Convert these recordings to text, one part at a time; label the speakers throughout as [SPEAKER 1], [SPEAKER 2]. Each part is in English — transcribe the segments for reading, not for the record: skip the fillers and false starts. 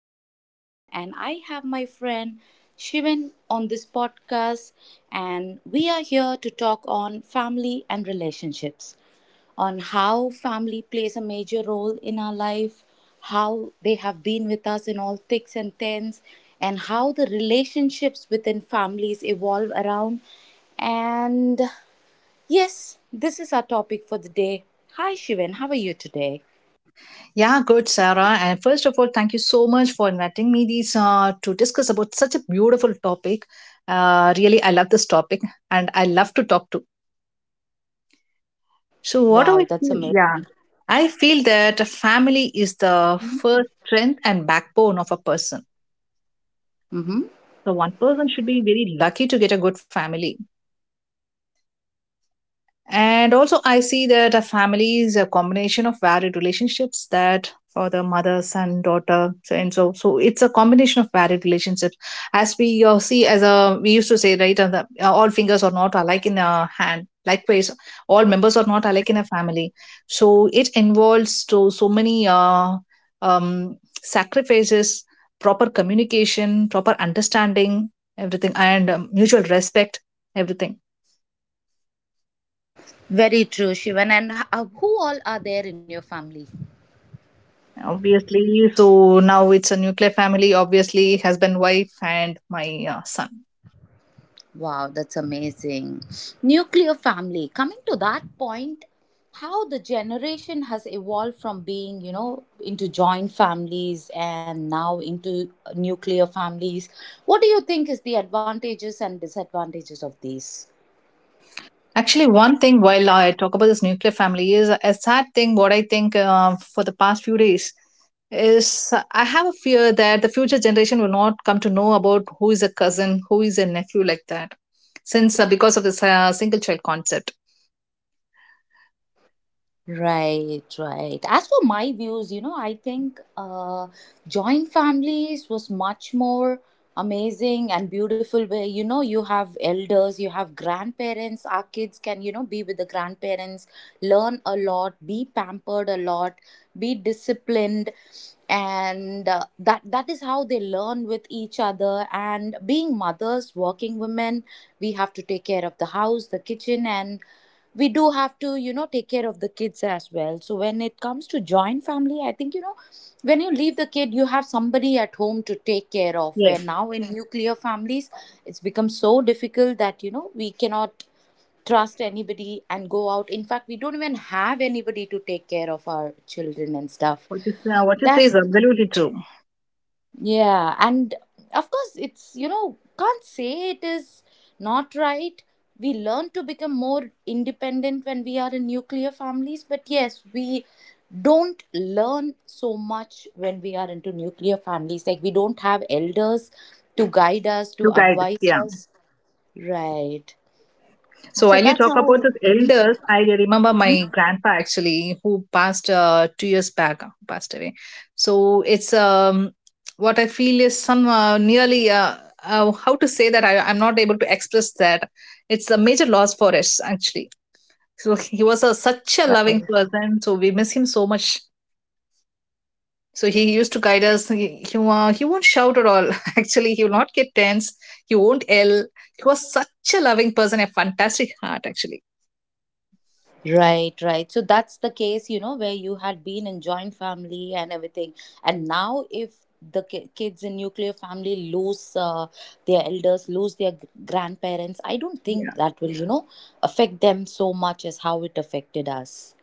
[SPEAKER 1] back again, and I have my friend Shivan on this podcast, and we are here to talk on family and relationships, on how family plays a major role in our life, how they have been with us in all thicks and thins, and how the relationships within families evolve around. And yes, this is our topic for the day. Hi Shivan, how are you today?
[SPEAKER 2] Yeah, good, Sarah. And first of all, thank you so much for inviting me these to discuss about such a beautiful topic. Really, I love this topic, and I love to talk to. So, what do
[SPEAKER 1] Wow,
[SPEAKER 2] I
[SPEAKER 1] that's
[SPEAKER 2] feel?
[SPEAKER 1] amazing.
[SPEAKER 2] Yeah, I feel that a family is the first strength and backbone of a person.
[SPEAKER 1] Mm-hmm.
[SPEAKER 2] So, one person should be very lucky to get a good family. And also, I see that a family is a combination of varied relationships, that for the mother, son, daughter, so and so. So it's a combination of varied relationships. As we see, as a we used to say, right, all fingers are not alike in a hand. Likewise, all members are not alike in a family. So it involves to so many um, sacrifices, proper communication, proper understanding, everything, and mutual respect, everything.
[SPEAKER 1] Very true, Shivan. And who all are there in your family?
[SPEAKER 2] Obviously, so now it's a nuclear family, obviously husband, wife, and my son.
[SPEAKER 1] Wow, that's amazing. Nuclear family. Coming to that point, how the generation has evolved from being, into joint families and now into nuclear families. What do you think is the advantages and disadvantages of these?
[SPEAKER 2] Actually, one thing while I talk about this nuclear family is a sad thing, what I think, for the past few days, is I have a fear that the future generation will not come to know about who is a cousin, who is a nephew, like that, since because of this single child concept.
[SPEAKER 1] Right, right. As for my views, I think joint families was much more amazing and beautiful. Where you have elders, you have grandparents. Our kids can be with the grandparents, learn a lot, be pampered a lot, be disciplined, and that is how they learn with each other. And being mothers, working women, we have to take care of the house, the kitchen, and we do have to take care of the kids as well. So when it comes to joint family, I think when you leave the kid, you have somebody at home to take care of. Where
[SPEAKER 2] Yes.
[SPEAKER 1] now in nuclear families it's become so difficult that we cannot trust anybody and go out. In fact, we don't even have anybody to take care of our children and stuff.
[SPEAKER 2] What what you say is
[SPEAKER 1] That's,
[SPEAKER 2] absolutely true.
[SPEAKER 1] yeah, and of course, it's can't say it is not right. We learn to become more independent when we are in nuclear families, but yes, we don't learn so much when we are into nuclear families. Like, we don't have elders to guide us, to
[SPEAKER 2] Two guides,
[SPEAKER 1] advise
[SPEAKER 2] yeah.
[SPEAKER 1] us. Right.
[SPEAKER 2] So
[SPEAKER 1] So
[SPEAKER 2] while you
[SPEAKER 1] that's
[SPEAKER 2] talk about
[SPEAKER 1] how.
[SPEAKER 2] the
[SPEAKER 1] Mhm.
[SPEAKER 2] elders, I remember my grandpa actually, who passed 2 years back, passed away. So it's what I feel is some nearly how to say that, I'm not able to express that. It's a major loss for us actually. So he was such a loving person. So we miss him so much. So he used to guide us. He won't shout at all. Actually, he will not get tense. He won't yell. He was such a loving person, a fantastic heart, actually.
[SPEAKER 1] Right, right. So that's the case, where you had been in joint family and everything. And now, if the kids in nuclear family lose their elders, lose their grandparents, I don't
[SPEAKER 2] Yeah,
[SPEAKER 1] think that will, affect them so much as how it affected us.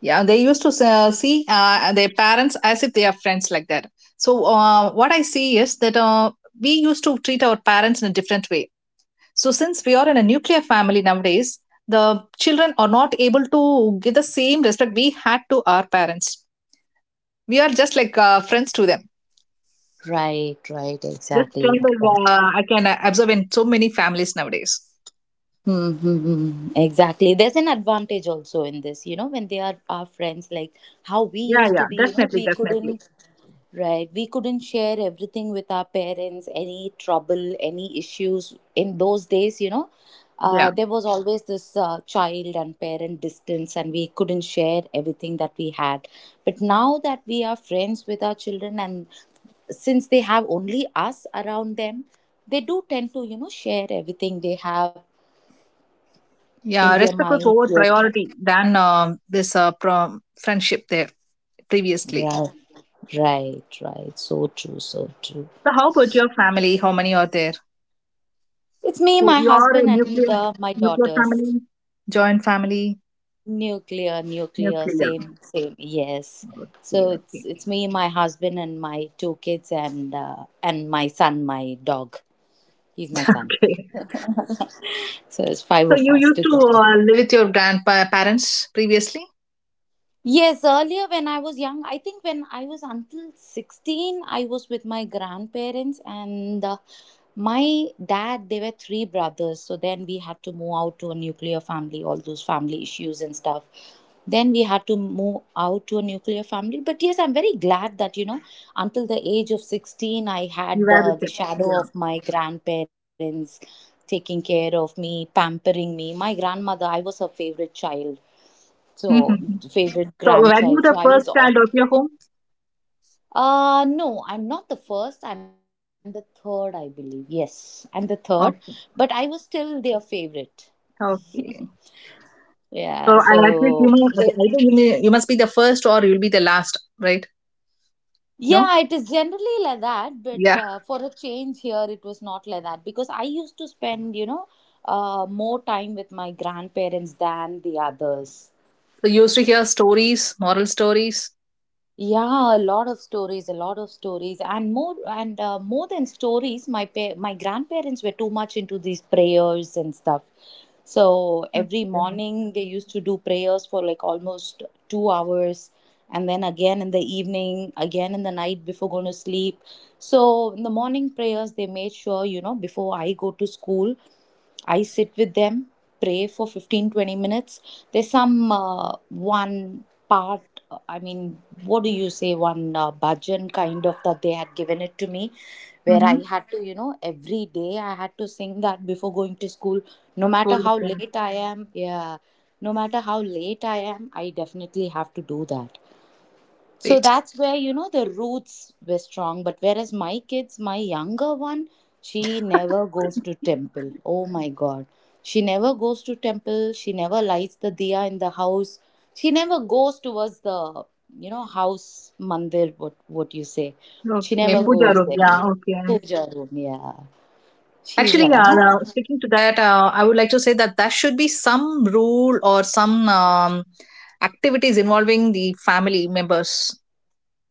[SPEAKER 2] yeah. They used to see their parents as if they are friends, like that. So what I see is that we used to treat our parents in a different way. So since we are in a nuclear family nowadays, the children are not able to give the same respect we had to our parents. We are just like friends to them.
[SPEAKER 1] Right, right.
[SPEAKER 2] This trend
[SPEAKER 1] Exactly. Exactly.
[SPEAKER 2] I can observe in so many families nowadays.
[SPEAKER 1] Mm-hmm. Exactly. There's an advantage also in this, when they are our friends, like how we
[SPEAKER 2] Yeah,
[SPEAKER 1] used to
[SPEAKER 2] yeah,
[SPEAKER 1] be,
[SPEAKER 2] definitely,
[SPEAKER 1] we
[SPEAKER 2] definitely.
[SPEAKER 1] couldn't, right? We couldn't share everything with our parents, any trouble, any issues. In those days,
[SPEAKER 2] Yeah.
[SPEAKER 1] there was always this child and parent distance, and we couldn't share everything that we had. But now that we are friends with our children, and since they have only us around them, they do tend to share everything they have in
[SPEAKER 2] Yeah,
[SPEAKER 1] their
[SPEAKER 2] respect was
[SPEAKER 1] minds.
[SPEAKER 2] over priority than this prom friendship there previously.
[SPEAKER 1] Right, right, right. So true, so true.
[SPEAKER 2] So, how about your family? How many are there? So,
[SPEAKER 1] It's me, my
[SPEAKER 2] you are a
[SPEAKER 1] husband, and
[SPEAKER 2] nuclear
[SPEAKER 1] my
[SPEAKER 2] nuclear
[SPEAKER 1] daughters.
[SPEAKER 2] family, joint family,
[SPEAKER 1] Nuclear, nuclear,
[SPEAKER 2] nuclear.
[SPEAKER 1] same, same, yes. So
[SPEAKER 2] Okay,
[SPEAKER 1] it's
[SPEAKER 2] okay,
[SPEAKER 1] it's me, my husband, and my two kids, and my son, my dog, he's my son.
[SPEAKER 2] okay.
[SPEAKER 1] So it's five
[SPEAKER 2] So,
[SPEAKER 1] of
[SPEAKER 2] you
[SPEAKER 1] us
[SPEAKER 2] used to
[SPEAKER 1] together.
[SPEAKER 2] live with your grandparents previously.
[SPEAKER 1] Yes, earlier when I was young, I think when I was until 16, I was with my grandparents, and my dad, they were three brothers. So then we had to move out to a nuclear family, all those family issues and stuff. Then we had to move out to a nuclear family. But yes, I'm very glad that, until the age of 16, I
[SPEAKER 2] You
[SPEAKER 1] had
[SPEAKER 2] were with
[SPEAKER 1] the
[SPEAKER 2] them.
[SPEAKER 1] shadow
[SPEAKER 2] Yeah.
[SPEAKER 1] of my grandparents taking care of me, pampering me. My grandmother, I was her favorite child, so
[SPEAKER 2] Hmm.
[SPEAKER 1] favorite
[SPEAKER 2] So, were you
[SPEAKER 1] grandchild. So
[SPEAKER 2] the
[SPEAKER 1] I was
[SPEAKER 2] first
[SPEAKER 1] all.
[SPEAKER 2] child of your home?
[SPEAKER 1] No, I'm not the first. I'm the third, I believe. Yes, I'm the third, but I
[SPEAKER 2] Okay.
[SPEAKER 1] was still their favorite.
[SPEAKER 2] Okay.
[SPEAKER 1] Yeah,
[SPEAKER 2] So, I at
[SPEAKER 1] so
[SPEAKER 2] least, either you must be the first or you'll be the last, right? No.
[SPEAKER 1] yeah, it is generally like that, but
[SPEAKER 2] Yeah.
[SPEAKER 1] for a change here, it was not like that because I used to spend, more time with my grandparents than the others.
[SPEAKER 2] We used to hear stories, moral stories.
[SPEAKER 1] Yeah, a lot of stories, a lot of stories, and more than stories. My grandparents were too much into these prayers and stuff. So every
[SPEAKER 2] Okay.
[SPEAKER 1] morning they used to do prayers for like almost 2 hours, and then again in the evening, again in the night before going to sleep. So in the morning prayers, they made sure before I go to school. I sit with them, pray for 15-20 minutes. There's some one part, I mean, what do you say, one bhajan kind of that they had given it to me, where I
[SPEAKER 2] Mm-hmm.
[SPEAKER 1] had to, every day I had to sing that before going to school, no matter
[SPEAKER 2] Cool.
[SPEAKER 1] how
[SPEAKER 2] Okay.
[SPEAKER 1] late I am. Yeah, no matter how late I am, I definitely have to do that. So
[SPEAKER 2] Great.
[SPEAKER 1] that's where, the roots were strong. But whereas my kids, my younger one, she never goes to temple. Oh my God. She never goes to temple. She never lights the diya in the house. She never goes towards the, house mandir, what you say. She
[SPEAKER 2] Okay.
[SPEAKER 1] never
[SPEAKER 2] Puja
[SPEAKER 1] goes
[SPEAKER 2] room. Yeah.
[SPEAKER 1] there.
[SPEAKER 2] Okay.
[SPEAKER 1] Puja room, yeah. She's
[SPEAKER 2] Actually,
[SPEAKER 1] like, I'm
[SPEAKER 2] yeah. Now, sticking to that, I would like to say that there should be some rule or some activities involving the family members,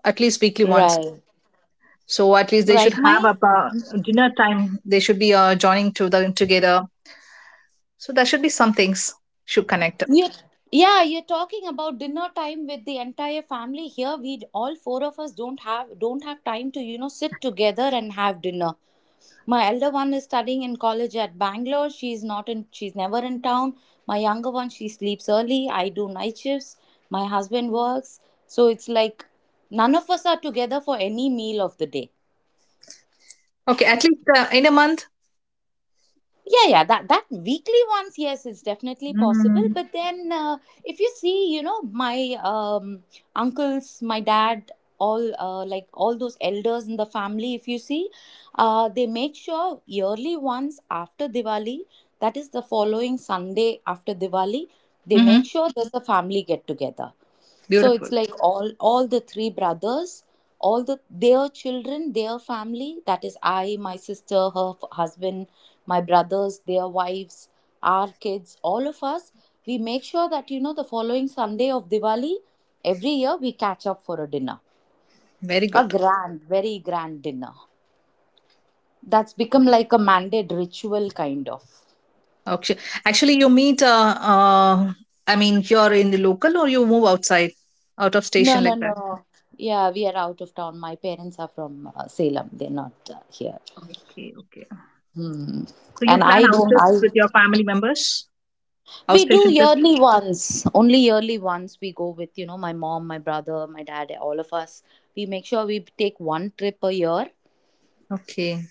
[SPEAKER 2] at least weekly once.
[SPEAKER 1] right.
[SPEAKER 2] So at least they
[SPEAKER 1] Right.
[SPEAKER 2] should have a dinner time. They should be joining to the together. So there should be some things, should connect.
[SPEAKER 1] You, yeah, you're talking about dinner time with the entire family. Here, we all four of us don't have time to sit together and have dinner. My elder one is studying in college at Bangalore. She's not in. She's never in town. My younger one, she sleeps early. I do night shifts. My husband works, so it's like none of us are together for any meal of the day.
[SPEAKER 2] Okay, at least in a month.
[SPEAKER 1] Yeah, yeah, that weekly ones, yes, is definitely possible,
[SPEAKER 2] Mm-hmm.
[SPEAKER 1] but then if you see, my uncles, my dad, all like all those elders in the family, if you see they make sure yearly once after Diwali, that is the following Sunday after Diwali, they make
[SPEAKER 2] Hmm.
[SPEAKER 1] sure there's a family get together so it's
[SPEAKER 2] Beautiful.
[SPEAKER 1] like all the three brothers, all their children, their family. That is I, my sister, her husband, my brothers, their wives, our kids, all of us. We make sure that the following Sunday of Diwali, every year we catch up for a dinner,
[SPEAKER 2] Very
[SPEAKER 1] a
[SPEAKER 2] good.
[SPEAKER 1] grand, very grand dinner. That's become like a mandate ritual kind of.
[SPEAKER 2] Okay. Actually, you meet. I mean, you're in the local, or you move outside, out of
[SPEAKER 1] No,
[SPEAKER 2] station,
[SPEAKER 1] no,
[SPEAKER 2] like that.
[SPEAKER 1] no. Yeah, we are out of town. My parents are from Salem. They're not here.
[SPEAKER 2] Okay. Okay.
[SPEAKER 1] Hmm.
[SPEAKER 2] So you
[SPEAKER 1] And
[SPEAKER 2] plan
[SPEAKER 1] I
[SPEAKER 2] out
[SPEAKER 1] don't,
[SPEAKER 2] trips
[SPEAKER 1] I,
[SPEAKER 2] with your family members,
[SPEAKER 1] we do
[SPEAKER 2] outstation trips.
[SPEAKER 1] yearly ones, only yearly ones we go with, my mom, my brother, my dad, all of us. We make sure we take one trip a year.
[SPEAKER 2] Okay.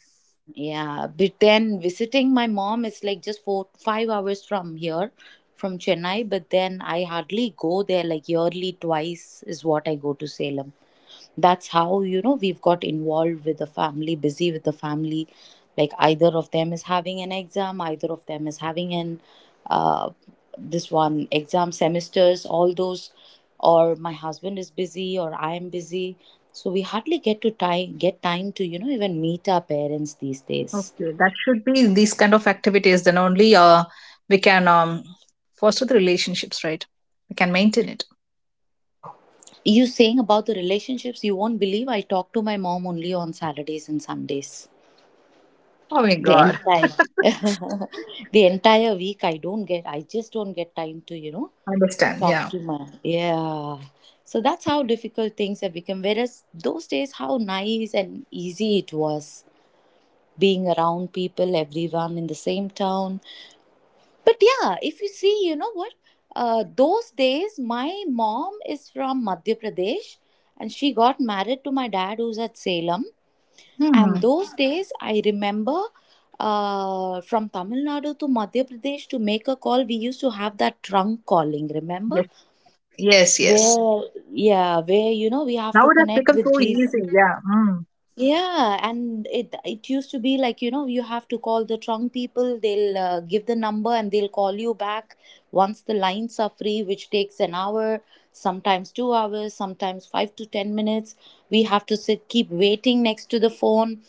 [SPEAKER 1] Yeah. But then visiting my mom is like just 4, 5 hours from here, from Chennai, but then I hardly go there, like yearly twice is what I go to Salem. That's how, we've got involved with the family, busy with the family. Like either of them is having an exam, either of them is having an uh, this one exam semesters, all those, or my husband is busy or I am busy. So we hardly get time to, even meet our parents these days.
[SPEAKER 2] Okay. That should be these kind of activities. Then only we can foster the relationships, right? We can maintain it.
[SPEAKER 1] You saying about the relationships, you won't believe I talk to my mom only on Saturdays and Sundays.
[SPEAKER 2] Oh my
[SPEAKER 1] The
[SPEAKER 2] God.
[SPEAKER 1] entire the entire week I just don't get time to,
[SPEAKER 2] Understand?
[SPEAKER 1] talk
[SPEAKER 2] Yeah.
[SPEAKER 1] to my, yeah. So that's how difficult things have become. Whereas those days, how nice and easy it was being around people, everyone in the same town. But yeah, if you see, you know what? Those days, my mom is from Madhya Pradesh, and she got married to my dad who's at Salem.
[SPEAKER 2] Hmm.
[SPEAKER 1] And those days, I remember from Tamil Nadu to Madhya Pradesh to make a call, we used to have that trunk calling, remember?
[SPEAKER 2] Yes. Yes. Yes.
[SPEAKER 1] Where, yeah, we have to
[SPEAKER 2] Now it has
[SPEAKER 1] connect
[SPEAKER 2] become
[SPEAKER 1] with
[SPEAKER 2] so
[SPEAKER 1] these.
[SPEAKER 2] easy. Yeah. Mm.
[SPEAKER 1] Yeah, and it used to be like, you have to call the trunk people, they'll give the number and they'll call you back once the lines are free, which takes an hour, sometimes 2 hours, sometimes 5 to 10 minutes. We have to sit, keep waiting next to the phone,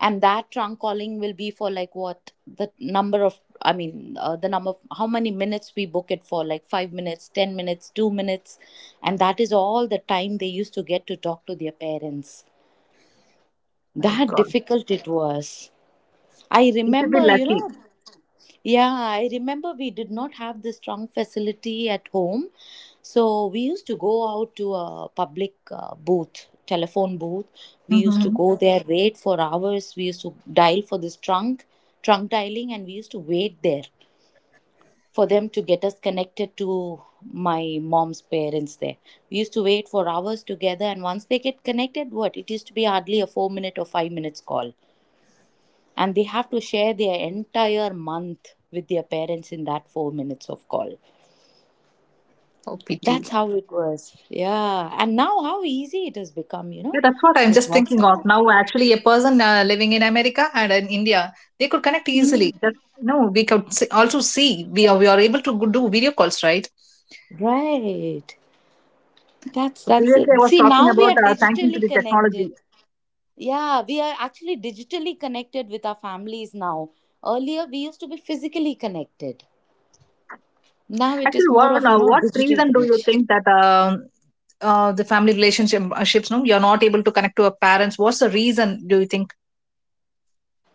[SPEAKER 1] and that trunk calling will be for like what the number of, I mean, the number of how many minutes we book it for, like 5 minutes, 10 minutes, 2 minutes. And that is all the time they used to get to talk to their parents.
[SPEAKER 2] My
[SPEAKER 1] That
[SPEAKER 2] God.
[SPEAKER 1] difficult it was. I
[SPEAKER 2] You should be
[SPEAKER 1] remember,
[SPEAKER 2] lucky.
[SPEAKER 1] yeah, I remember we did not have the strong facility at home, so we used to go out to a public booth, telephone booth. We used to
[SPEAKER 2] Mm-hmm.
[SPEAKER 1] go there, wait for hours. We used to dial for this trunk dialing and we used to wait there for them to get us connected to my mom's parents there. We used to wait for hours together, and once they get connected, what it used to be hardly a 4 minute or 5 minutes call, and they have to share their entire month with their parents in that 4 minutes of call.
[SPEAKER 2] OPT.
[SPEAKER 1] That's how it was. Yeah. And now how easy it has become, you
[SPEAKER 2] Yeah,
[SPEAKER 1] know?
[SPEAKER 2] that's what I'm
[SPEAKER 1] Just
[SPEAKER 2] just thinking of
[SPEAKER 1] WhatsApp.
[SPEAKER 2] now. Actually, a person living in America and in India, they could connect easily. That, no, we could see, also see we are able to do video calls, right?
[SPEAKER 1] Right. That's
[SPEAKER 2] So
[SPEAKER 1] that's
[SPEAKER 2] previously, I
[SPEAKER 1] it.
[SPEAKER 2] was
[SPEAKER 1] See,
[SPEAKER 2] talking
[SPEAKER 1] now we
[SPEAKER 2] about
[SPEAKER 1] are
[SPEAKER 2] thanking to
[SPEAKER 1] digitally
[SPEAKER 2] the
[SPEAKER 1] connected.
[SPEAKER 2] technology.
[SPEAKER 1] Yeah, we are actually digitally connected with our families now. Earlier we used to be physically connected. Now it is
[SPEAKER 2] Actually,
[SPEAKER 1] more
[SPEAKER 2] what
[SPEAKER 1] of,
[SPEAKER 2] now? What
[SPEAKER 1] digital
[SPEAKER 2] reason do you
[SPEAKER 1] connection.
[SPEAKER 2] think that the family relationship ships? No, you're not able to connect to a parents. What's the reason? Do you think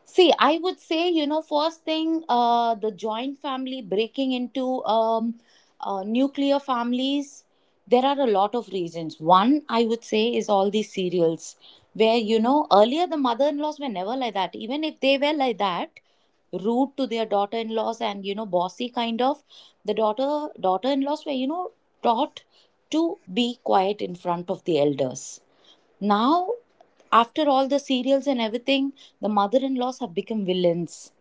[SPEAKER 1] See, I would say, first thing, the joint family breaking into nuclear families, there are a lot of reasons. One, I would say, is all these serials, where, earlier the mother in laws were never like that. Even if they were like that, rude to their daughter in laws and, bossy kind of, the daughter in laws were, taught to be quiet in front of the elders. Now, after all the serials and everything, the mother in laws have become villains,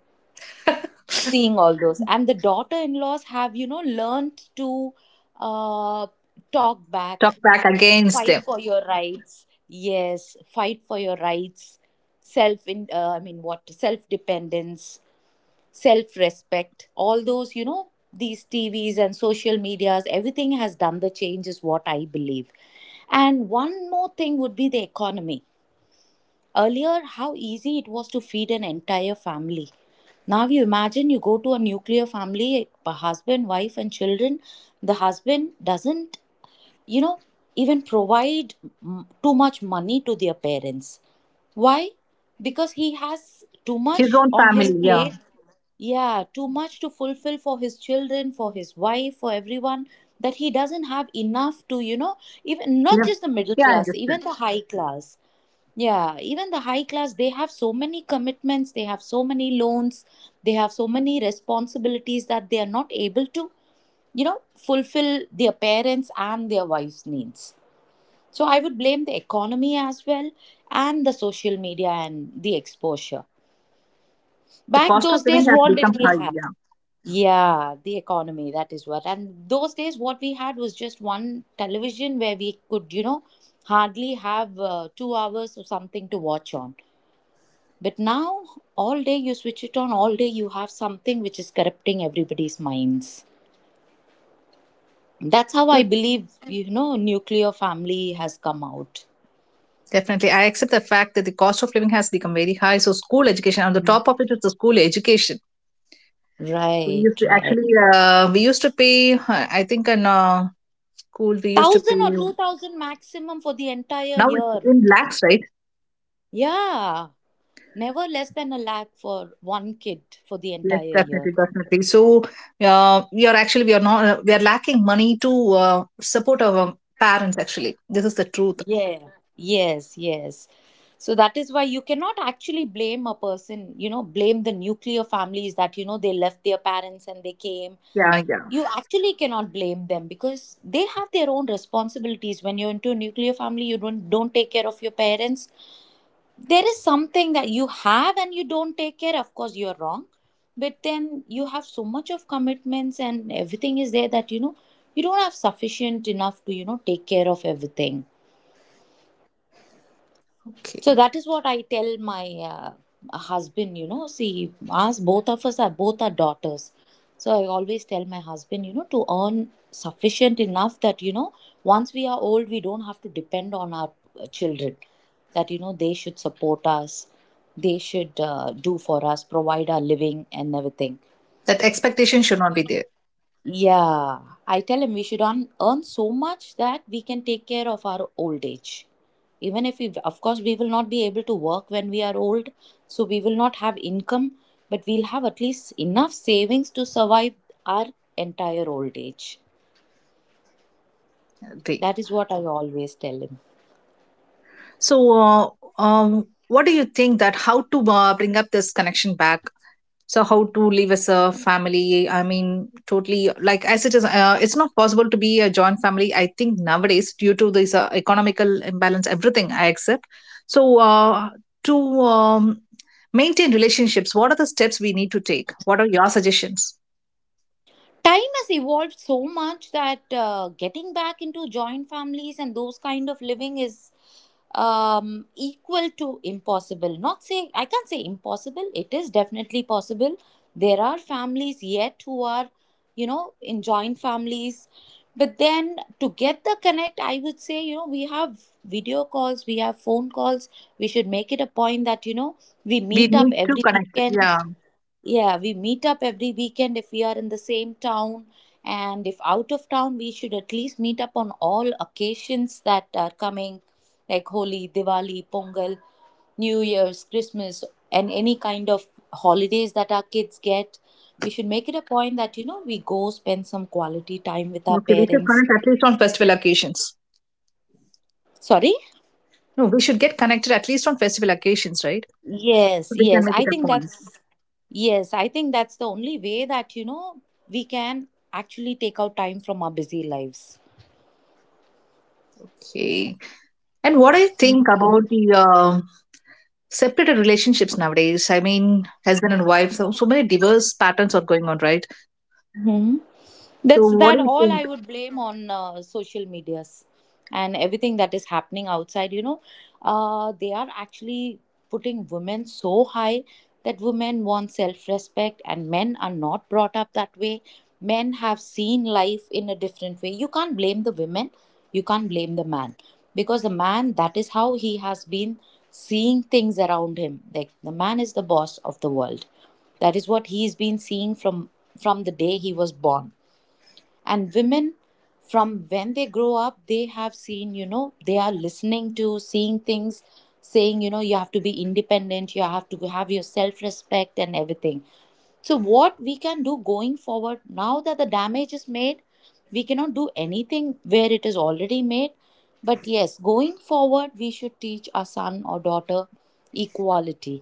[SPEAKER 1] seeing all those. And the daughter in laws have, learned to uh, talk
[SPEAKER 2] talk
[SPEAKER 1] back,
[SPEAKER 2] back against
[SPEAKER 1] fight
[SPEAKER 2] them?
[SPEAKER 1] for your rights. Yes, fight for your rights, self in, what? Self dependence, self respect, all those, These TVs and social medias, everything has done the change, is what I believe. And one more thing would be the economy. Earlier, how easy it was to feed an entire family. Now you imagine you go to a nuclear family, a husband, wife, and children. The husband doesn't, you know, even provide too much money to their parents. Why? Because he has too
[SPEAKER 2] His
[SPEAKER 1] much
[SPEAKER 2] own
[SPEAKER 1] on
[SPEAKER 2] family,
[SPEAKER 1] his Mhm.
[SPEAKER 2] yeah,
[SPEAKER 1] plate. Yeah, too much to fulfill for his children, for his wife, for everyone, that he doesn't have enough to, even not
[SPEAKER 2] yeah,
[SPEAKER 1] just the middle
[SPEAKER 2] yeah. I
[SPEAKER 1] class, even
[SPEAKER 2] understand.
[SPEAKER 1] the high class. Yeah, even the high class, they have so many commitments, they have so many loans, they have so many responsibilities that they are not able to, fulfill their parents' and their wives' needs. So I would blame the economy as well, and the social media and the exposure.
[SPEAKER 2] The
[SPEAKER 1] Back
[SPEAKER 2] cost
[SPEAKER 1] those
[SPEAKER 2] of living
[SPEAKER 1] days,
[SPEAKER 2] has
[SPEAKER 1] what
[SPEAKER 2] become
[SPEAKER 1] did we
[SPEAKER 2] high.
[SPEAKER 1] have? Yeah, the economy, that is what. And those days, what we had was just one television where we could, hardly have 2 hours or something to watch on. But now, all day you switch it on, all day you have something which is corrupting everybody's minds. That's how
[SPEAKER 2] Yeah,
[SPEAKER 1] I believe, nuclear family has come out.
[SPEAKER 2] definitely. I accept the fact that the cost of living has become very high. So school education, on the top of it is the school education. We
[SPEAKER 1] Right,
[SPEAKER 2] used to
[SPEAKER 1] right.
[SPEAKER 2] actually, we used to pay, I think in school, we used to pay,
[SPEAKER 1] 1,000 or 2,000 maximum for the entire
[SPEAKER 2] now it's
[SPEAKER 1] year.
[SPEAKER 2] in lakhs, right?
[SPEAKER 1] Yeah. Never less than a lakh for one kid for the
[SPEAKER 2] Yes,
[SPEAKER 1] entire year.
[SPEAKER 2] definitely, definitely. So we are actually, we are not, we are lacking money to support our parents, actually. This is the truth.
[SPEAKER 1] Yeah, yes, yes. So that is why you cannot actually blame a person, blame the nuclear families that, they left their parents and they came.
[SPEAKER 2] Yeah, yeah.
[SPEAKER 1] You actually cannot blame them because they have their own responsibilities. When you're into a nuclear family, you don't take care of your parents. There is something that you have and you don't take care. Of course, you're wrong. But then you have so much of commitments and everything is there that, you don't have sufficient enough to, take care of everything. So
[SPEAKER 2] Okay.
[SPEAKER 1] that is what I tell my husband. You know, see, us both of us are both are daughters. So I always tell my husband, to earn sufficient enough that you know, once we are old, we don't have to depend on our children. That you know, they should support us, they should do for us, provide our living and everything.
[SPEAKER 2] That expectation should not be there.
[SPEAKER 1] Yeah, I tell him we should earn, earn so much that we can take care of our old age. Even if we, of course, we will not be able to work when we are old, so we will not have income, but we'll have at least enough savings to survive our entire old age.
[SPEAKER 2] Agree.
[SPEAKER 1] That is what I always tell him.
[SPEAKER 2] So, what do you think, that how to bring up this connection back, so how to live as a family, I mean, totally like as it is, it's not possible to be a joint family, I think, nowadays, due to this economical imbalance, everything I accept. So uh, to um, maintain relationships, what are the steps we need to take, what are your suggestions?
[SPEAKER 1] Time has evolved so much that getting back into joint families and those kind of living is equal to impossible. Not say I can't say impossible. It is definitely possible. There are families yet who are, in joint families. But then to get the connect, I would say, we have video calls, we have phone calls. We should make it a point that, we
[SPEAKER 2] We
[SPEAKER 1] meet up
[SPEAKER 2] need to
[SPEAKER 1] every
[SPEAKER 2] connect,
[SPEAKER 1] weekend.
[SPEAKER 2] yeah.
[SPEAKER 1] Yeah, we meet up every weekend if we are in the same town. And if out of town, we should at least meet up on all occasions that are coming, like Holi, Diwali, Pongal, New Year's, Christmas, and any kind of holidays that our kids get. We should make it a point that, we go spend some quality time with our
[SPEAKER 2] Okay, we should
[SPEAKER 1] parents.
[SPEAKER 2] connect at least on festival occasions.
[SPEAKER 1] Sorry?
[SPEAKER 2] No, we should get connected at least on festival occasions, right?
[SPEAKER 1] Yes,
[SPEAKER 2] So we can
[SPEAKER 1] yes.
[SPEAKER 2] make
[SPEAKER 1] I
[SPEAKER 2] it a
[SPEAKER 1] think
[SPEAKER 2] point.
[SPEAKER 1] that's, yes, I think that's the only way that, we can actually take out time from our busy lives.
[SPEAKER 2] Okay, and what do you think about the separated relationships nowadays? I mean, husband and wife, so many diverse patterns are going on, right?
[SPEAKER 1] Hmm.
[SPEAKER 2] So,
[SPEAKER 1] That's
[SPEAKER 2] what
[SPEAKER 1] that,
[SPEAKER 2] do you
[SPEAKER 1] all
[SPEAKER 2] think?
[SPEAKER 1] I would blame on social medias and everything that is happening outside, they are actually putting women so high that women want self-respect, and men are not brought up that way. Men have seen life in a different way. You can't blame the women, you can't blame the man, because the man, that is how he has been seeing things around him, like the man is the boss of the world. That is what he's been seeing from the day he was born. And women, from when they grow up, they have seen, they are listening to, seeing things, saying, you have to be independent, you have to have your self respect and everything. So what we can do going forward, now that the damage is made, we cannot do anything where it is already made. But yes, going forward, we should teach our son or daughter equality.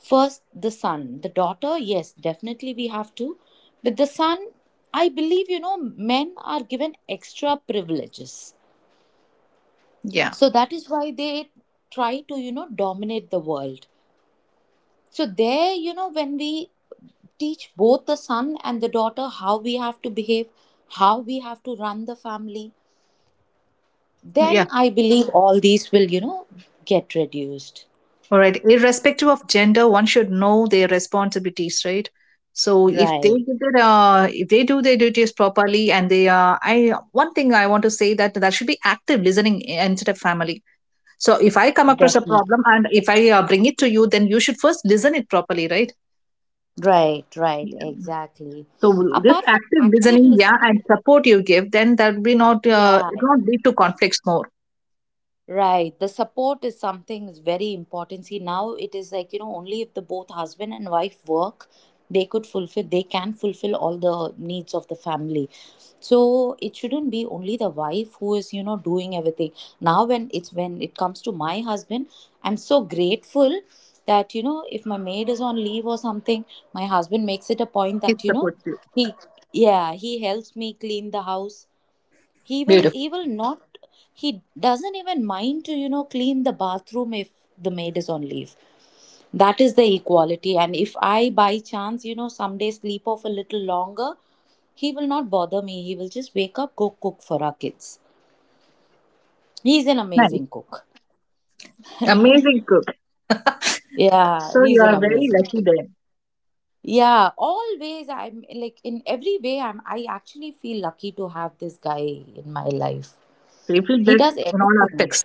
[SPEAKER 1] First, the son. The daughter, yes, definitely we have to. With the son, I believe, men are given extra privileges.
[SPEAKER 2] Yeah,
[SPEAKER 1] So that is why they try to, dominate the world. So there, when we teach both the son and the daughter how we have to behave, how we have to run the family,
[SPEAKER 2] yeah,
[SPEAKER 1] then I believe all these will, get reduced.
[SPEAKER 2] all right. Irrespective of gender, one should know their responsibilities, right? So, if they
[SPEAKER 1] Right.
[SPEAKER 2] give if they do their duties properly, and they are, I one thing I want to say, that that should be active listening instead of family. So, if I come across a
[SPEAKER 1] Definitely.
[SPEAKER 2] problem and if I bring it to you, then you should first listen it properly, right?
[SPEAKER 1] Right, right, exactly.
[SPEAKER 2] So this
[SPEAKER 1] Apart from
[SPEAKER 2] active
[SPEAKER 1] active
[SPEAKER 2] listening, yeah,
[SPEAKER 1] listening,
[SPEAKER 2] and support you give, then that will be not,
[SPEAKER 1] yeah,
[SPEAKER 2] it won't lead to conflicts more.
[SPEAKER 1] right. The support is something is very important. See, now it is like, only if the both husband and wife work, they could fulfill, they can fulfill all the needs of the family. So it shouldn't be only the wife who is, doing everything. Now when it comes to my husband, I'm so grateful that, if my maid is on leave or something, my husband makes it a point
[SPEAKER 2] It
[SPEAKER 1] that,
[SPEAKER 2] supports you.
[SPEAKER 1] he yeah, he helps me clean the house. He will
[SPEAKER 2] Beautiful,
[SPEAKER 1] not, he doesn't even mind to, clean the bathroom if the maid is on leave. That is the equality. And if I by chance, someday sleep off a little longer, he will not bother me. He will just wake up, go cook for our kids. He's an
[SPEAKER 2] nice,
[SPEAKER 1] amazing cook.
[SPEAKER 2] amazing cook.
[SPEAKER 1] Yeah,
[SPEAKER 2] So you
[SPEAKER 1] he's an
[SPEAKER 2] are very
[SPEAKER 1] amazing
[SPEAKER 2] lucky
[SPEAKER 1] cook.
[SPEAKER 2] then.
[SPEAKER 1] Yeah, always. I'm like, in every way, I actually feel lucky to have this guy in my life.
[SPEAKER 2] So you feel
[SPEAKER 1] He
[SPEAKER 2] blessed
[SPEAKER 1] does
[SPEAKER 2] in all
[SPEAKER 1] everything.
[SPEAKER 2] aspects.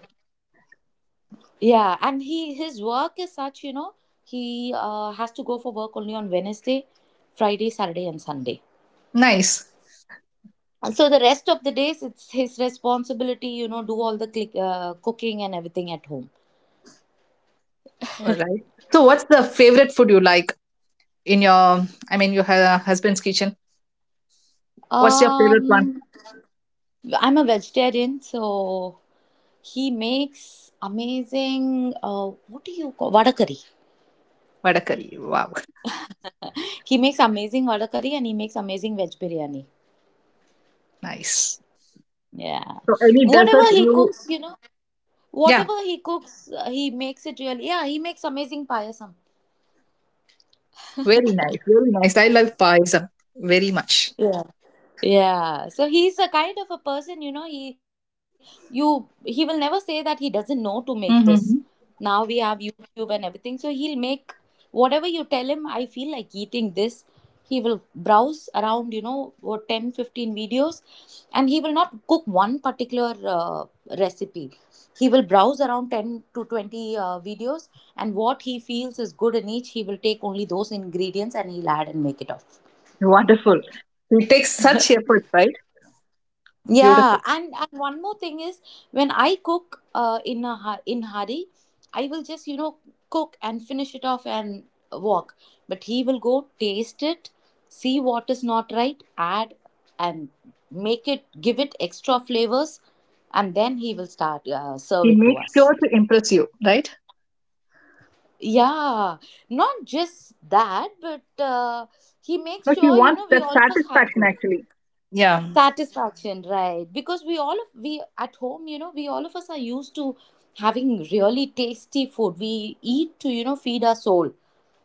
[SPEAKER 1] Yeah, and he his work is such, he has to go for work only on Wednesday, Friday, Saturday, and Sunday.
[SPEAKER 2] Nice.
[SPEAKER 1] And so the rest of the days, it's his responsibility, do all the cooking and everything at home.
[SPEAKER 2] All right. So what's the favorite food you like in your? I mean, your husband's kitchen. What's your favorite one?
[SPEAKER 1] Um, I'm a vegetarian, so he makes amazing. What do you call vada curry?
[SPEAKER 2] Vada curry. Wow,
[SPEAKER 1] He makes amazing vada curry, and he makes amazing veg biryani.
[SPEAKER 2] nice.
[SPEAKER 1] Yeah,
[SPEAKER 2] So any dessert
[SPEAKER 1] whatever he
[SPEAKER 2] you?
[SPEAKER 1] cooks, you know.
[SPEAKER 2] Yeah,
[SPEAKER 1] Whatever he cooks, he makes it really. Yeah, he makes amazing payasam.
[SPEAKER 2] very nice, very nice. I love paisam very much.
[SPEAKER 1] Yeah. Yeah, so he's a kind of a person, he you he will never say that he doesn't know to make this.
[SPEAKER 2] Mhm.
[SPEAKER 1] Now we have YouTube and everything, so he'll make whatever you tell him, I feel like eating this. He will browse around, what 10, 15 videos, and he will not cook one particular recipe. He will browse around 10 to 20 videos, and what he feels is good in each, he will take only those ingredients and he'll add and make it off.
[SPEAKER 2] Wonderful. He takes such effort, right?
[SPEAKER 1] Yeah,
[SPEAKER 2] Beautiful.
[SPEAKER 1] and one more thing is when I cook in a in hurry, I will just, cook and finish it off and walk. But he will go taste it, see what is not right, add and make it give it extra flavors, and then he will start serve
[SPEAKER 2] He
[SPEAKER 1] it to
[SPEAKER 2] makes sure
[SPEAKER 1] us.
[SPEAKER 2] to impress you, right?
[SPEAKER 1] Yeah, not just that, but he makes
[SPEAKER 2] No, he
[SPEAKER 1] sure, you
[SPEAKER 2] wants
[SPEAKER 1] know, we
[SPEAKER 2] that
[SPEAKER 1] all of us have
[SPEAKER 2] satisfaction
[SPEAKER 1] good.
[SPEAKER 2] actually. Yeah,
[SPEAKER 1] Satisfaction, right? Because we all of we at home, you know, we all of us are used to having really tasty food. We eat to, you know, feed our soul,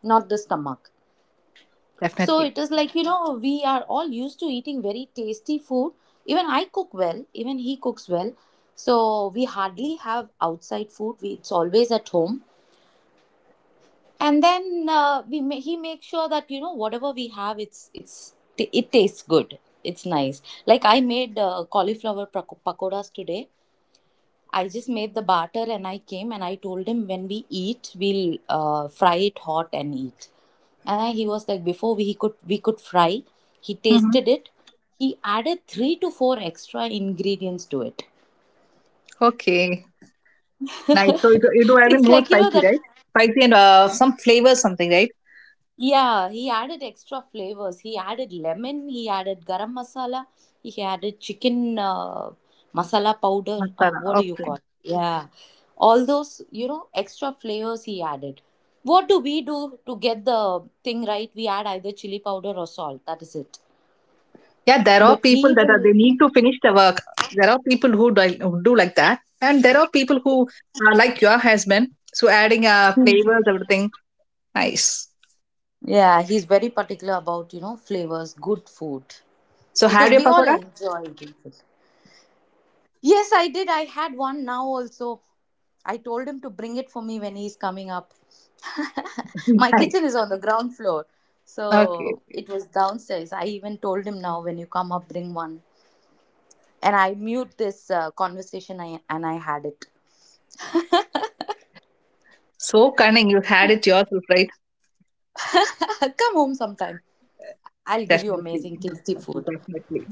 [SPEAKER 1] not the stomach. So
[SPEAKER 2] definitely.
[SPEAKER 1] it is like, you know, we are all used to eating very tasty food. Even I cook well, even he cooks well, so we hardly have outside food. It's always at home. And then he makes sure that, you know, whatever we have, it tastes good. It's nice. Like, I made cauliflower pakoras today. I just made the batter and I came and I told him, when we eat, we'll fry it hot and eat. He was like, before we could fry, he
[SPEAKER 2] Hmm.
[SPEAKER 1] tasted it. He added three to four extra ingredients to it.
[SPEAKER 2] Okay, nice. So you do having
[SPEAKER 1] It's
[SPEAKER 2] more
[SPEAKER 1] like, you know,
[SPEAKER 2] spicy,
[SPEAKER 1] that.
[SPEAKER 2] right? Spicy and some flavor, something, right?
[SPEAKER 1] Yeah, he added extra flavors. He added lemon, he added garam masala, he added chicken masala powder. Uh,
[SPEAKER 2] Masala.
[SPEAKER 1] what do you
[SPEAKER 2] Okay.
[SPEAKER 1] call it? Yeah. All those, you know, extra flavors he added. What do we do to get the thing right? We add either chili powder or salt. That is it.
[SPEAKER 2] Yeah, there are
[SPEAKER 1] But
[SPEAKER 2] people
[SPEAKER 1] he
[SPEAKER 2] that are, they
[SPEAKER 1] will.
[SPEAKER 2] need to finish the work. There are people who do, like that, and there are people who like your husband. So adding flavors, everything, nice.
[SPEAKER 1] Yeah, he's very particular about, you know, flavors, good food.
[SPEAKER 2] So
[SPEAKER 1] Because
[SPEAKER 2] had your
[SPEAKER 1] we all
[SPEAKER 2] pakoras?
[SPEAKER 1] enjoy good food. Yes, I did. I had one now also. I told him to bring it for me when he's coming up. My
[SPEAKER 2] Nice.
[SPEAKER 1] kitchen is on the ground floor. So
[SPEAKER 2] Okay.
[SPEAKER 1] it was downstairs. I even told him, now when you come up, bring one. And I mute this conversation and I had it.
[SPEAKER 2] So cunning, you had it yourself, right?
[SPEAKER 1] Come home sometime. I'll give you
[SPEAKER 2] Definitely,
[SPEAKER 1] amazing, tasty
[SPEAKER 2] definitely,
[SPEAKER 1] food.
[SPEAKER 2] definitely.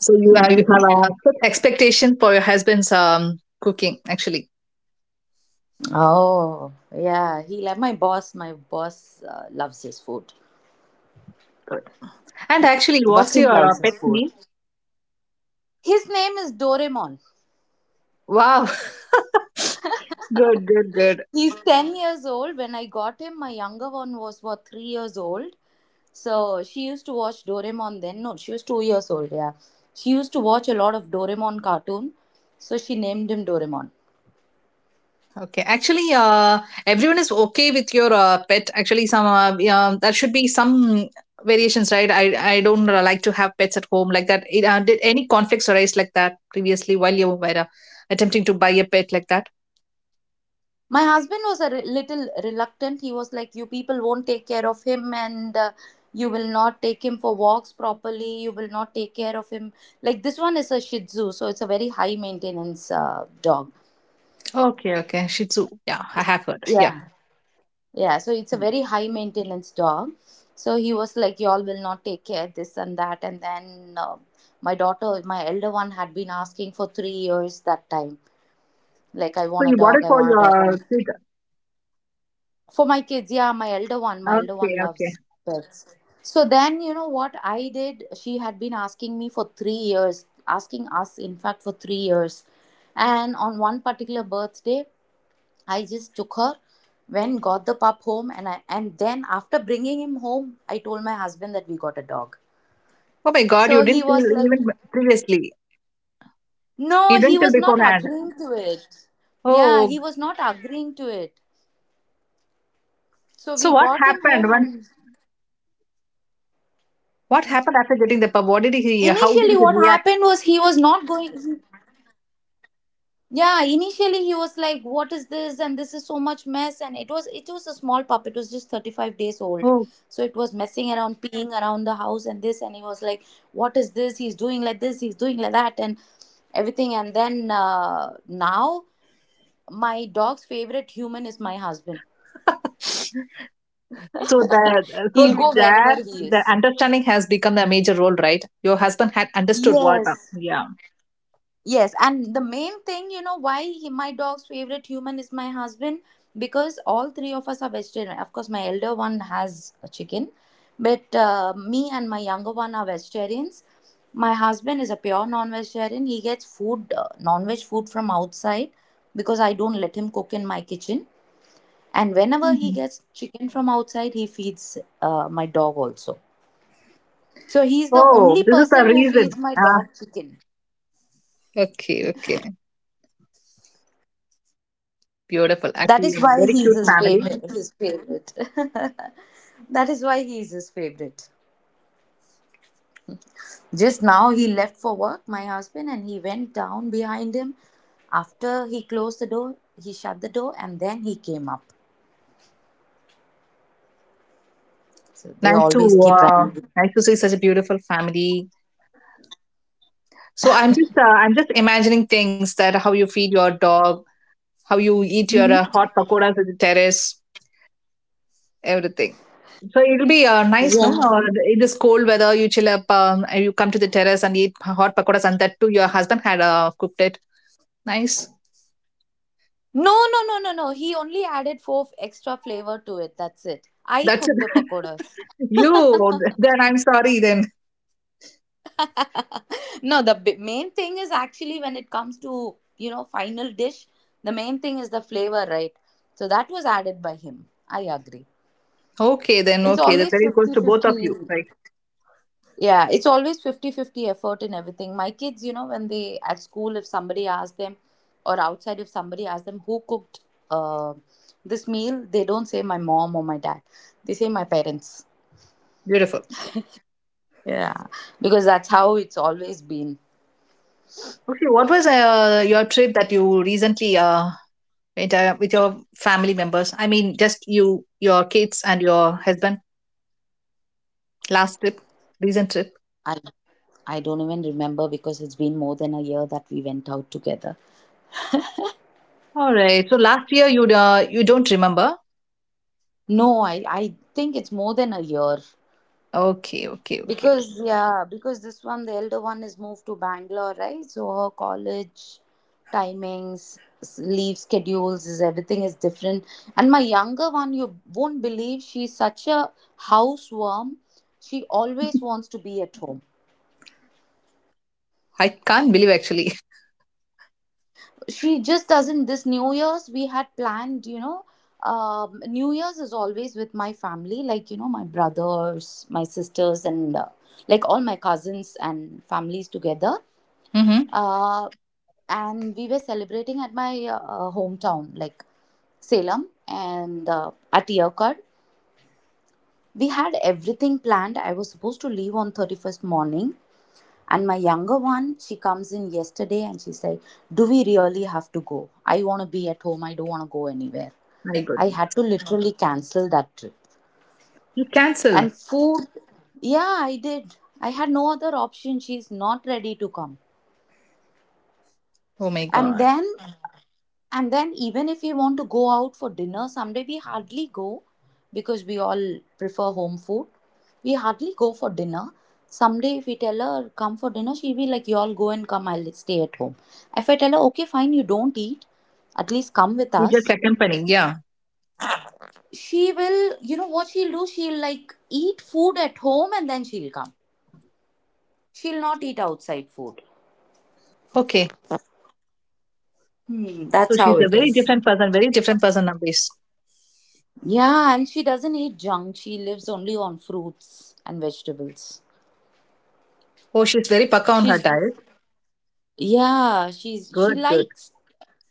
[SPEAKER 2] So you have a set expectation for your husband's cooking, actually.
[SPEAKER 1] Oh, yeah. He like my boss. My boss loves his food.
[SPEAKER 2] Good. And actually, what's
[SPEAKER 1] Vasim
[SPEAKER 2] your
[SPEAKER 1] loves his
[SPEAKER 2] pet's
[SPEAKER 1] food.
[SPEAKER 2] name?
[SPEAKER 1] His name is Doraemon.
[SPEAKER 2] Wow, good, good, good.
[SPEAKER 1] He's 10 years old. When I got him, my younger one was, what, 3 years old? So she used to watch Doraemon then. No, she was 2 years old, yeah. She used to watch a lot of Doraemon cartoon. So she named him Doraemon.
[SPEAKER 2] Okay, actually, everyone is okay with your pet. Actually, some that should be some variations, right? I don't like to have pets at home like that. Did any conflicts arise like that previously while you were attempting to buy a pet like that?
[SPEAKER 1] My husband was a little reluctant. He was like, you people won't take care of him, and you will not take him for walks properly. You will not take care of him. Like, this one is a Shih Tzu, so it's a very high maintenance dog.
[SPEAKER 2] Okay, okay. Shih Tzu. Yeah, I have heard. Yeah.
[SPEAKER 1] Yeah. Yeah, so it's a
[SPEAKER 2] Mm.
[SPEAKER 1] very high maintenance dog. So he was like, y'all will not take care, this and that. And then my daughter, my elder one, had been asking for 3 years that time. Like, I
[SPEAKER 2] So
[SPEAKER 1] want a
[SPEAKER 2] you bought
[SPEAKER 1] dog,
[SPEAKER 2] it
[SPEAKER 1] I
[SPEAKER 2] for
[SPEAKER 1] want a dog.
[SPEAKER 2] your
[SPEAKER 1] And
[SPEAKER 2] kid.
[SPEAKER 1] for my kids, yeah, my elder one
[SPEAKER 2] Okay, okay.
[SPEAKER 1] loves pets. So then, you know what I did? She had been asking me for 3 years, asking us, in fact, for 3 years. And on one particular birthday, I just took her, went, got the pup home, and I and then after bringing him home, I told my husband that we got a dog.
[SPEAKER 2] Oh my God, you
[SPEAKER 1] So he
[SPEAKER 2] didn't
[SPEAKER 1] was
[SPEAKER 2] tell
[SPEAKER 1] like,
[SPEAKER 2] even previously. You
[SPEAKER 1] no, he
[SPEAKER 2] didn't tell
[SPEAKER 1] was not
[SPEAKER 2] beforehand.
[SPEAKER 1] agreeing to it. Yeah,
[SPEAKER 2] Oh,
[SPEAKER 1] he was not agreeing to it. So
[SPEAKER 2] so
[SPEAKER 1] we
[SPEAKER 2] what
[SPEAKER 1] got him
[SPEAKER 2] happened
[SPEAKER 1] home,
[SPEAKER 2] once.
[SPEAKER 1] and
[SPEAKER 2] What happened after getting the
[SPEAKER 1] initially,
[SPEAKER 2] pub?
[SPEAKER 1] what
[SPEAKER 2] What did
[SPEAKER 1] happened
[SPEAKER 2] he?
[SPEAKER 1] was
[SPEAKER 2] How
[SPEAKER 1] he
[SPEAKER 2] did
[SPEAKER 1] was
[SPEAKER 2] he
[SPEAKER 1] not
[SPEAKER 2] react?
[SPEAKER 1] going. Yeah, initially he was like, what is this, and this is so much mess. And it was a small pup, it was just 35 days old, so it
[SPEAKER 2] Oh,
[SPEAKER 1] was messing around, peeing around the house and this. And he was like, what is this, he's doing like this, he's doing like that, and everything. And then now my dog's favorite human is my husband.
[SPEAKER 2] So the so
[SPEAKER 1] He'll go
[SPEAKER 2] there
[SPEAKER 1] wherever he
[SPEAKER 2] the
[SPEAKER 1] is.
[SPEAKER 2] understanding has become the major role, right? Your husband had understood what,
[SPEAKER 1] Yes.
[SPEAKER 2] yeah.
[SPEAKER 1] Yes, and the main thing, you know, why my dog's favorite human is my husband, because all three of us are vegetarian. Of course, my elder one has a chicken, but me and my younger one are vegetarians. My husband is a pure non-vegetarian. He gets food, non-veg food from outside, because I don't let him cook in my kitchen. And whenever he
[SPEAKER 2] Mhm.
[SPEAKER 1] gets chicken from outside, he feeds my dog also. So he's the
[SPEAKER 2] Oh,
[SPEAKER 1] only
[SPEAKER 2] this is the
[SPEAKER 1] person who
[SPEAKER 2] reason.
[SPEAKER 1] feeds my
[SPEAKER 2] Ah.
[SPEAKER 1] dog chicken.
[SPEAKER 2] Okay, okay, beautiful. Ac-
[SPEAKER 1] That
[SPEAKER 2] actually, a
[SPEAKER 1] is why
[SPEAKER 2] very
[SPEAKER 1] he's
[SPEAKER 2] cute
[SPEAKER 1] his
[SPEAKER 2] family.
[SPEAKER 1] favorite. His favorite. That is why he is his favorite. Just now he left for work, my husband, and he went down behind him. After he closed the door, he shut the door, and then he came up. So they
[SPEAKER 2] Nice to
[SPEAKER 1] always keep
[SPEAKER 2] uh,
[SPEAKER 1] running.
[SPEAKER 2] nice to see such a beautiful family. So I'm just imagining things, that how you feed your dog, how you eat your
[SPEAKER 1] Hmm.
[SPEAKER 2] hot pakoras at the terrace, everything. So it'll be nice, no?
[SPEAKER 1] Yeah.
[SPEAKER 2] Or in this cold weather, you chill up, and you come to the terrace and eat hot pakoras, and that too, your husband had cooked it. Nice.
[SPEAKER 1] No, no, no, no, no. He only added four extra flavor to it. That's it. I
[SPEAKER 2] That's
[SPEAKER 1] cooked the
[SPEAKER 2] it.
[SPEAKER 1] pakodas.
[SPEAKER 2] You. Then I'm sorry. Then
[SPEAKER 1] No, the main thing is, actually, when it comes to, you know, final dish, the main thing is the flavor, right? So that was added by him. I agree.
[SPEAKER 2] okay. Then
[SPEAKER 1] It's
[SPEAKER 2] okay. The
[SPEAKER 1] always
[SPEAKER 2] credit goes to both of
[SPEAKER 1] 50-50.
[SPEAKER 2] you. Right.
[SPEAKER 1] Yeah, it's always 50-50 effort in everything. My kids, you know, when they at school, if somebody asks them or outside if somebody asks them who cooked uh, this meal, they don't say my mom or my dad. They say my parents.
[SPEAKER 2] Beautiful.
[SPEAKER 1] Yeah, because that's how it's always been.
[SPEAKER 2] Okay. What was your trip that you recently with your family members? I mean, just you, your kids, and your husband. Last trip, recent trip.
[SPEAKER 1] I I don't even remember, because it's been more than a year that we went out together.
[SPEAKER 2] All right. So last year you you don't remember?
[SPEAKER 1] No, I think it's more than a year.
[SPEAKER 2] Okay, okay, okay.
[SPEAKER 1] Because, yeah, because this one, the elder one, is moved to Bangalore, right? So her college timings, leave schedules, is everything is different. And my younger one, you won't believe, she's such a houseworm. She always wants to be at home.
[SPEAKER 2] I can't believe actually.
[SPEAKER 1] She just doesn't This new year's we had planned, you know, new year's is always with my family, like, you know, my brothers, my sisters, and like all my cousins and families together.
[SPEAKER 2] Mm-hmm.
[SPEAKER 1] uh, and we were celebrating at my hometown, like Salem and at Yerkad. We had everything planned. I was supposed to leave on 31st morning, and my younger one, she comes in yesterday and she said, do we really have to go? I want to be at home. I don't want to go anywhere.
[SPEAKER 2] My
[SPEAKER 1] I
[SPEAKER 2] goodness,
[SPEAKER 1] had to literally cancel that trip.
[SPEAKER 2] you
[SPEAKER 1] And
[SPEAKER 2] cancelled.
[SPEAKER 1] food, yeah, I did. I had no other option. She's not ready to come.
[SPEAKER 2] Oh my
[SPEAKER 1] And
[SPEAKER 2] god.
[SPEAKER 1] then And then, even if we want to go out for dinner someday, we hardly go, because we all prefer home food. We hardly go for dinner. Someday, if we tell her, come for dinner, she'll be like, you all go and come, I'll stay at home. If I tell her, okay, fine, you don't eat, at least come with
[SPEAKER 2] You just
[SPEAKER 1] us,
[SPEAKER 2] accompanying. Yeah.
[SPEAKER 1] she will, you know what she'll do? She'll like eat food at home and then she'll come. She'll not eat outside food.
[SPEAKER 2] Okay.
[SPEAKER 1] Hmm,
[SPEAKER 2] So
[SPEAKER 1] that's how
[SPEAKER 2] she's a
[SPEAKER 1] it
[SPEAKER 2] very
[SPEAKER 1] is.
[SPEAKER 2] different person. Very different person, Amrish.
[SPEAKER 1] Yeah, and she doesn't eat junk. She lives only on fruits and vegetables.
[SPEAKER 2] Oh, she's very paka on her
[SPEAKER 1] She's
[SPEAKER 2] diet.
[SPEAKER 1] Yeah, she
[SPEAKER 2] Good, good.
[SPEAKER 1] likes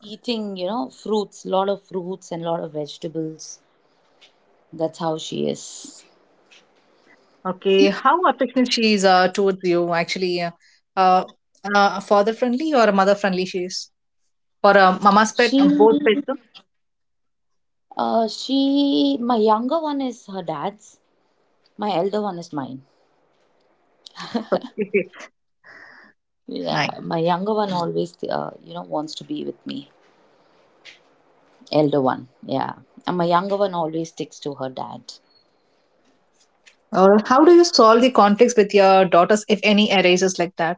[SPEAKER 1] eating, you know, fruits, lot of fruits and lot of vegetables. That's how she is.
[SPEAKER 2] Okay. How affectionate she is towards you actually. Uh, father friendly or mother friendly she is? Or a mama's pet both
[SPEAKER 1] She
[SPEAKER 2] pets no?
[SPEAKER 1] she My younger one is her dad's. My elder one is mine. Yeah,
[SPEAKER 2] Nine
[SPEAKER 1] my younger one always you know wants to be with me. Elder one, yeah. And my younger one always sticks to her dad.
[SPEAKER 2] or how do you solve the conflicts with your daughters if any arises like that?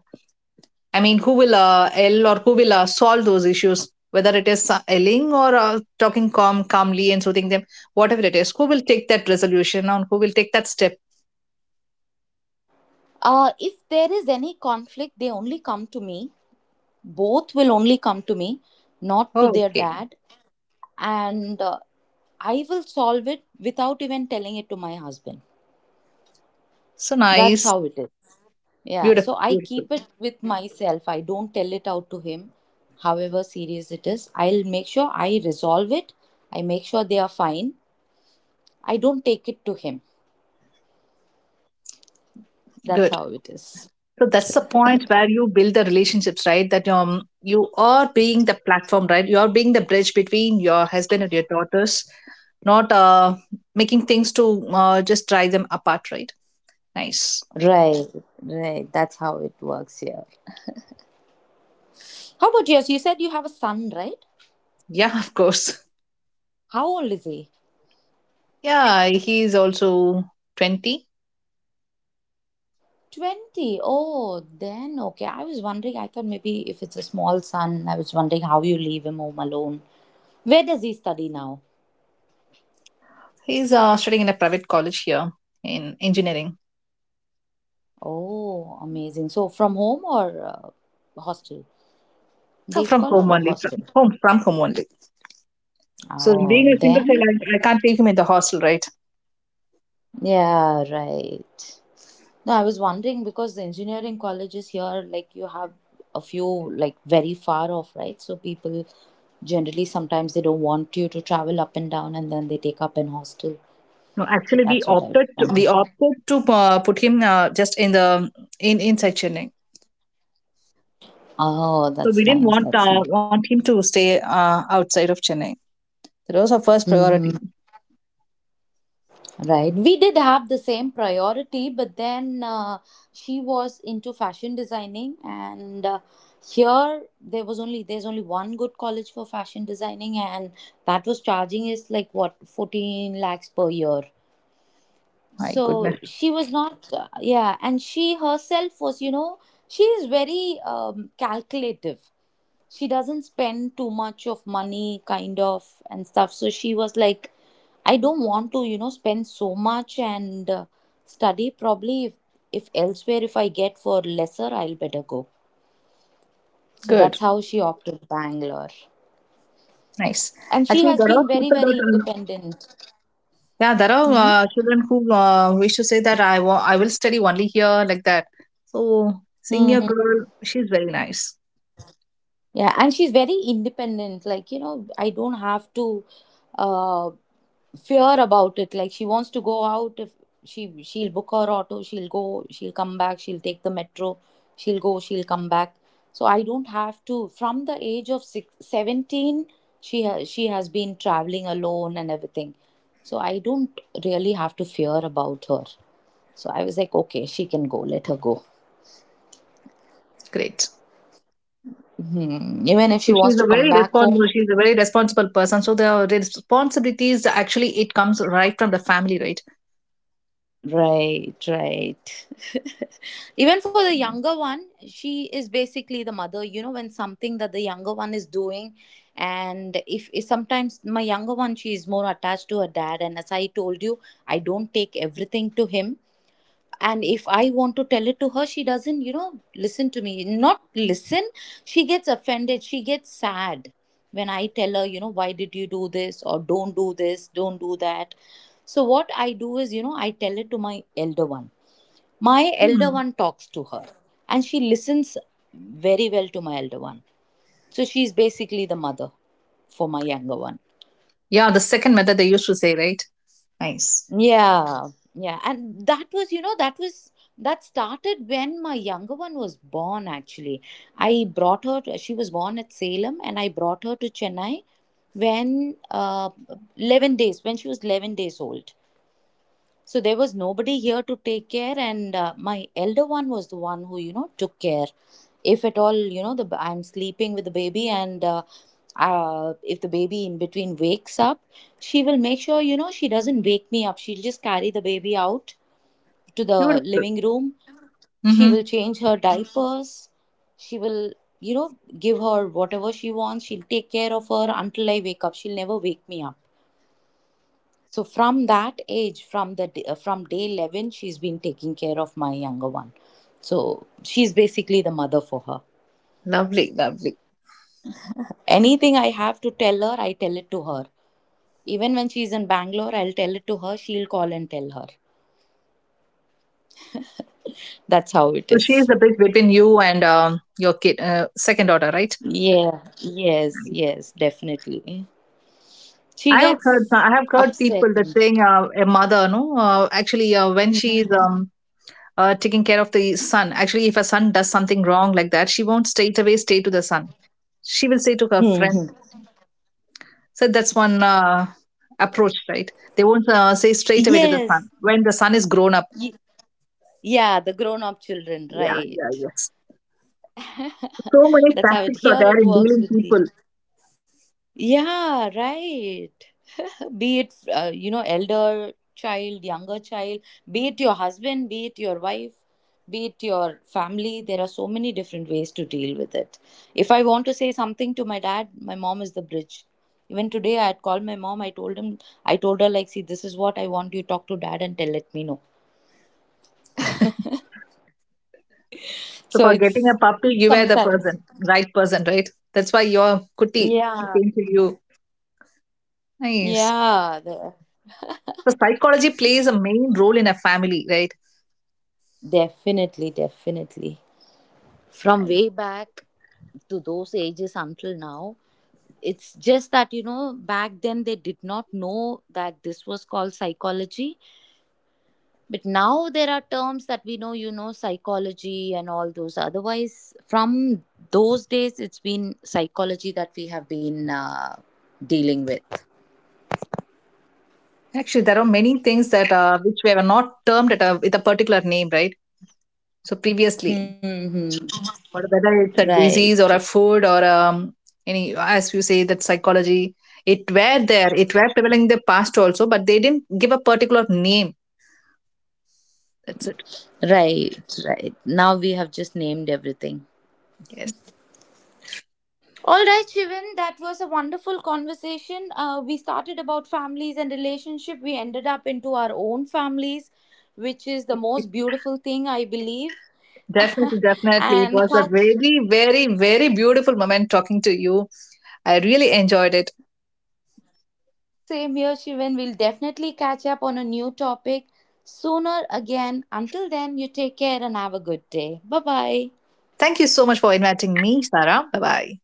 [SPEAKER 2] I mean who will L or who will solve those issues, whether it is yelling or talking calmly and soothing them, whatever it is? Who will take that resolution on? Who will take that step?
[SPEAKER 1] Uh, if there is any conflict, they only come to me. Both will only come to me, not to their
[SPEAKER 2] Okay.
[SPEAKER 1] dad. And I will solve it without even telling it to my husband.
[SPEAKER 2] So
[SPEAKER 1] That's
[SPEAKER 2] nice.
[SPEAKER 1] how it is. Yeah,
[SPEAKER 2] Beautiful,
[SPEAKER 1] so I
[SPEAKER 2] beautiful.
[SPEAKER 1] keep it with myself. I don't tell it out to him, however serious it is. I'll make sure I resolve it. I make sure they are fine. I don't take it to him. That's
[SPEAKER 2] Good.
[SPEAKER 1] how it is.
[SPEAKER 2] So that's the point where you build the relationships, right? That you are being the platform, right? You are being the bridge between your husband and your daughters, not making things to just drive them apart, right? Nice.
[SPEAKER 1] Right, right. That's how it works here. How about yours? You said you have a son, right?
[SPEAKER 2] Yeah, of course.
[SPEAKER 1] How old is he?
[SPEAKER 2] Yeah, he's also 20.
[SPEAKER 1] 20. Oh, then okay. I was wondering, I thought maybe if it's a small son, I was wondering how you leave him home alone. Where does he study now?
[SPEAKER 2] He's studying in a private college here in engineering.
[SPEAKER 1] Oh, amazing. So from home or hostel? Day scholar or hostel?
[SPEAKER 2] From home only. So
[SPEAKER 1] Oh,
[SPEAKER 2] being a single
[SPEAKER 1] then
[SPEAKER 2] child, I can't leave him in the hostel, right?
[SPEAKER 1] yeah, right. No, I was wondering because the engineering colleges here, like you have a few like very far off, right? So people generally sometimes they don't want you to travel up and down and then they take up in hostel.
[SPEAKER 2] No,
[SPEAKER 1] So
[SPEAKER 2] actually,
[SPEAKER 1] that's what I was
[SPEAKER 2] we
[SPEAKER 1] wondering.
[SPEAKER 2] opted to put him just in the in inside Chennai.
[SPEAKER 1] Oh,
[SPEAKER 2] So we
[SPEAKER 1] that's
[SPEAKER 2] didn't
[SPEAKER 1] nice.
[SPEAKER 2] want
[SPEAKER 1] That's nice.
[SPEAKER 2] want him to stay outside of Chennai. That was our first priority.
[SPEAKER 1] Hmm. Right. We did have the same priority, but then she was into fashion designing, and here there's only one good college for fashion designing, and that was charging is like what 14 lakhs per year.
[SPEAKER 2] My goodness,
[SPEAKER 1] So she was not, yeah, and she herself was, you know, she is very calculative. She doesn't spend too much of money kind of and stuff, so she was like, I don't want to spend so much, and study probably, if elsewhere, if I get for lesser I'll better go. So
[SPEAKER 2] good,
[SPEAKER 1] that's how she opted Bangalore.
[SPEAKER 2] nice.
[SPEAKER 1] And she
[SPEAKER 2] Actually
[SPEAKER 1] has
[SPEAKER 2] there are
[SPEAKER 1] been very
[SPEAKER 2] people that
[SPEAKER 1] very independent.
[SPEAKER 2] yeah, there are
[SPEAKER 1] Mm-hmm.
[SPEAKER 2] children who wish to say that I will study only here like that. So senior
[SPEAKER 1] Mm-hmm.
[SPEAKER 2] girl, she's very nice,
[SPEAKER 1] Yeah, and she's very independent. Like, I don't have to uh fear about it. Like, she wants to go out. If she'll book her auto, she'll go, she'll come back, she'll take the metro, she'll go, she'll come back. So I don't have to. From the age of six, 17, she has been traveling alone and everything. So I don't really have to fear about her. So I was like, okay, she can go, let her go.
[SPEAKER 2] great.
[SPEAKER 1] Hmm. Even if
[SPEAKER 2] So
[SPEAKER 1] she wants
[SPEAKER 2] she's
[SPEAKER 1] to
[SPEAKER 2] a
[SPEAKER 1] come
[SPEAKER 2] very
[SPEAKER 1] back home.
[SPEAKER 2] responsible. She's a very very responsible person, so the responsibilities actually it comes right from the family, right?
[SPEAKER 1] Right, right. Even for the
[SPEAKER 2] Right.
[SPEAKER 1] younger one, she is basically the mother. When something that the younger one is doing, and if sometimes my younger one, she is more attached to her dad. And as I told you, I don't take everything to him. And if I want to tell it to her, she doesn't listen to me. Not listen, she gets offended, she gets sad. When I tell her, why did you do this or don't do this, don't do that. So what I do is, I tell it to my elder one. My elder
[SPEAKER 2] Hmm.
[SPEAKER 1] one talks to her, and she listens very well to my elder one. So she's basically the mother for my younger one.
[SPEAKER 2] Yeah, the second method they used to say, right? Nice.
[SPEAKER 1] Yeah, yeah. And that was, you know, that was, that started when my younger one was born, actually. I brought her, she was born at Salem, and I brought her to Chennai when, 11 days, when she was 11 days old. So there was nobody here to take care, and my elder one was the one who, took care. If at all, you know, the I'm sleeping with the baby, and if the baby in between wakes up, she will make sure, she doesn't wake me up. She'll just carry the baby out to the
[SPEAKER 2] Beautiful.
[SPEAKER 1] living room. She
[SPEAKER 2] Mm-hmm.
[SPEAKER 1] will change her diapers. She will, you know, give her whatever she wants. She'll take care of her until I wake up. She'll never wake me up. So from that age, from day 11, she's been taking care of my younger one. So she's basically the mother for her.
[SPEAKER 2] Lovely, lovely.
[SPEAKER 1] Anything I have to tell her, I tell it to her. Even when she's in Bangalore, I'll tell it to her. She'll call and tell her. That's how it
[SPEAKER 2] So she is
[SPEAKER 1] is.
[SPEAKER 2] the bridge between you and your kid, second daughter, right?
[SPEAKER 1] Yeah. Yes. Yes. Definitely. She
[SPEAKER 2] I have heard.
[SPEAKER 1] gets
[SPEAKER 2] I have heard people
[SPEAKER 1] upset.
[SPEAKER 2] that saying a mother, no, actually, when she is taking care of the son, actually, if a son does something wrong like that, she won't straight away stay to the son. She will say to her friend,
[SPEAKER 1] Mhm.
[SPEAKER 2] so that's one approach, right? They won't say straight away to the son
[SPEAKER 1] Yes.
[SPEAKER 2] when the son is grown up.
[SPEAKER 1] Y- yeah. The grown-up children,
[SPEAKER 2] Yeah, yeah,
[SPEAKER 1] right?
[SPEAKER 2] yes. So many
[SPEAKER 1] That's how it.
[SPEAKER 2] tactics are
[SPEAKER 1] Here
[SPEAKER 2] there
[SPEAKER 1] it
[SPEAKER 2] in
[SPEAKER 1] works
[SPEAKER 2] dealing
[SPEAKER 1] with the.
[SPEAKER 2] people.
[SPEAKER 1] Yeah. Right. Be it elder child, younger child, be it your husband, be it your wife, be it your family, there are so many different ways to deal with it. If I want to say something to my dad, my mom is the bridge. Even today I had called my mom, I told him, I told her, like, see, this is what I want. You talk to dad and tell, let me know.
[SPEAKER 2] So
[SPEAKER 1] So
[SPEAKER 2] for getting
[SPEAKER 1] it's
[SPEAKER 2] a puppy, you were the
[SPEAKER 1] sometimes.
[SPEAKER 2] person, right person, right? That's why your kuti
[SPEAKER 1] Yeah,
[SPEAKER 2] came to you. Nice.
[SPEAKER 1] yeah.
[SPEAKER 2] So psychology plays a main role in a family, right?
[SPEAKER 1] Definitely, definitely. From
[SPEAKER 2] Nice.
[SPEAKER 1] way back to those ages until now. It's just that, back then they did not know that this was called psychology. But now there are terms that we know, psychology and all those. Otherwise, from those days, it's been psychology that we have been dealing with.
[SPEAKER 2] Actually, there are many things that which were not termed at a, with a particular name, right? So previously,
[SPEAKER 1] Hmm, hmm.
[SPEAKER 2] or whether it's a disease
[SPEAKER 1] Right.
[SPEAKER 2] or a food or any, as you say that psychology, it were there, it were prevalent in the past also, but they didn't give a particular name, that's it.
[SPEAKER 1] Right. Right. Now we have just named everything.
[SPEAKER 2] Yes.
[SPEAKER 1] All right, Shivan, that was a wonderful conversation. We started about families and relationship. We ended up into our own families, which is the
[SPEAKER 2] It-
[SPEAKER 1] most beautiful thing, I believe.
[SPEAKER 2] definitely, definitely it
[SPEAKER 1] And
[SPEAKER 2] was a
[SPEAKER 1] catch
[SPEAKER 2] very very very beautiful moment talking to you. I really enjoyed it.
[SPEAKER 1] same here, Shivan. We'll definitely catch up on a new topic sooner again. Until then, you take care and have a good day. Bye bye.
[SPEAKER 2] Thank you so much for inviting me, Sarah. Bye bye.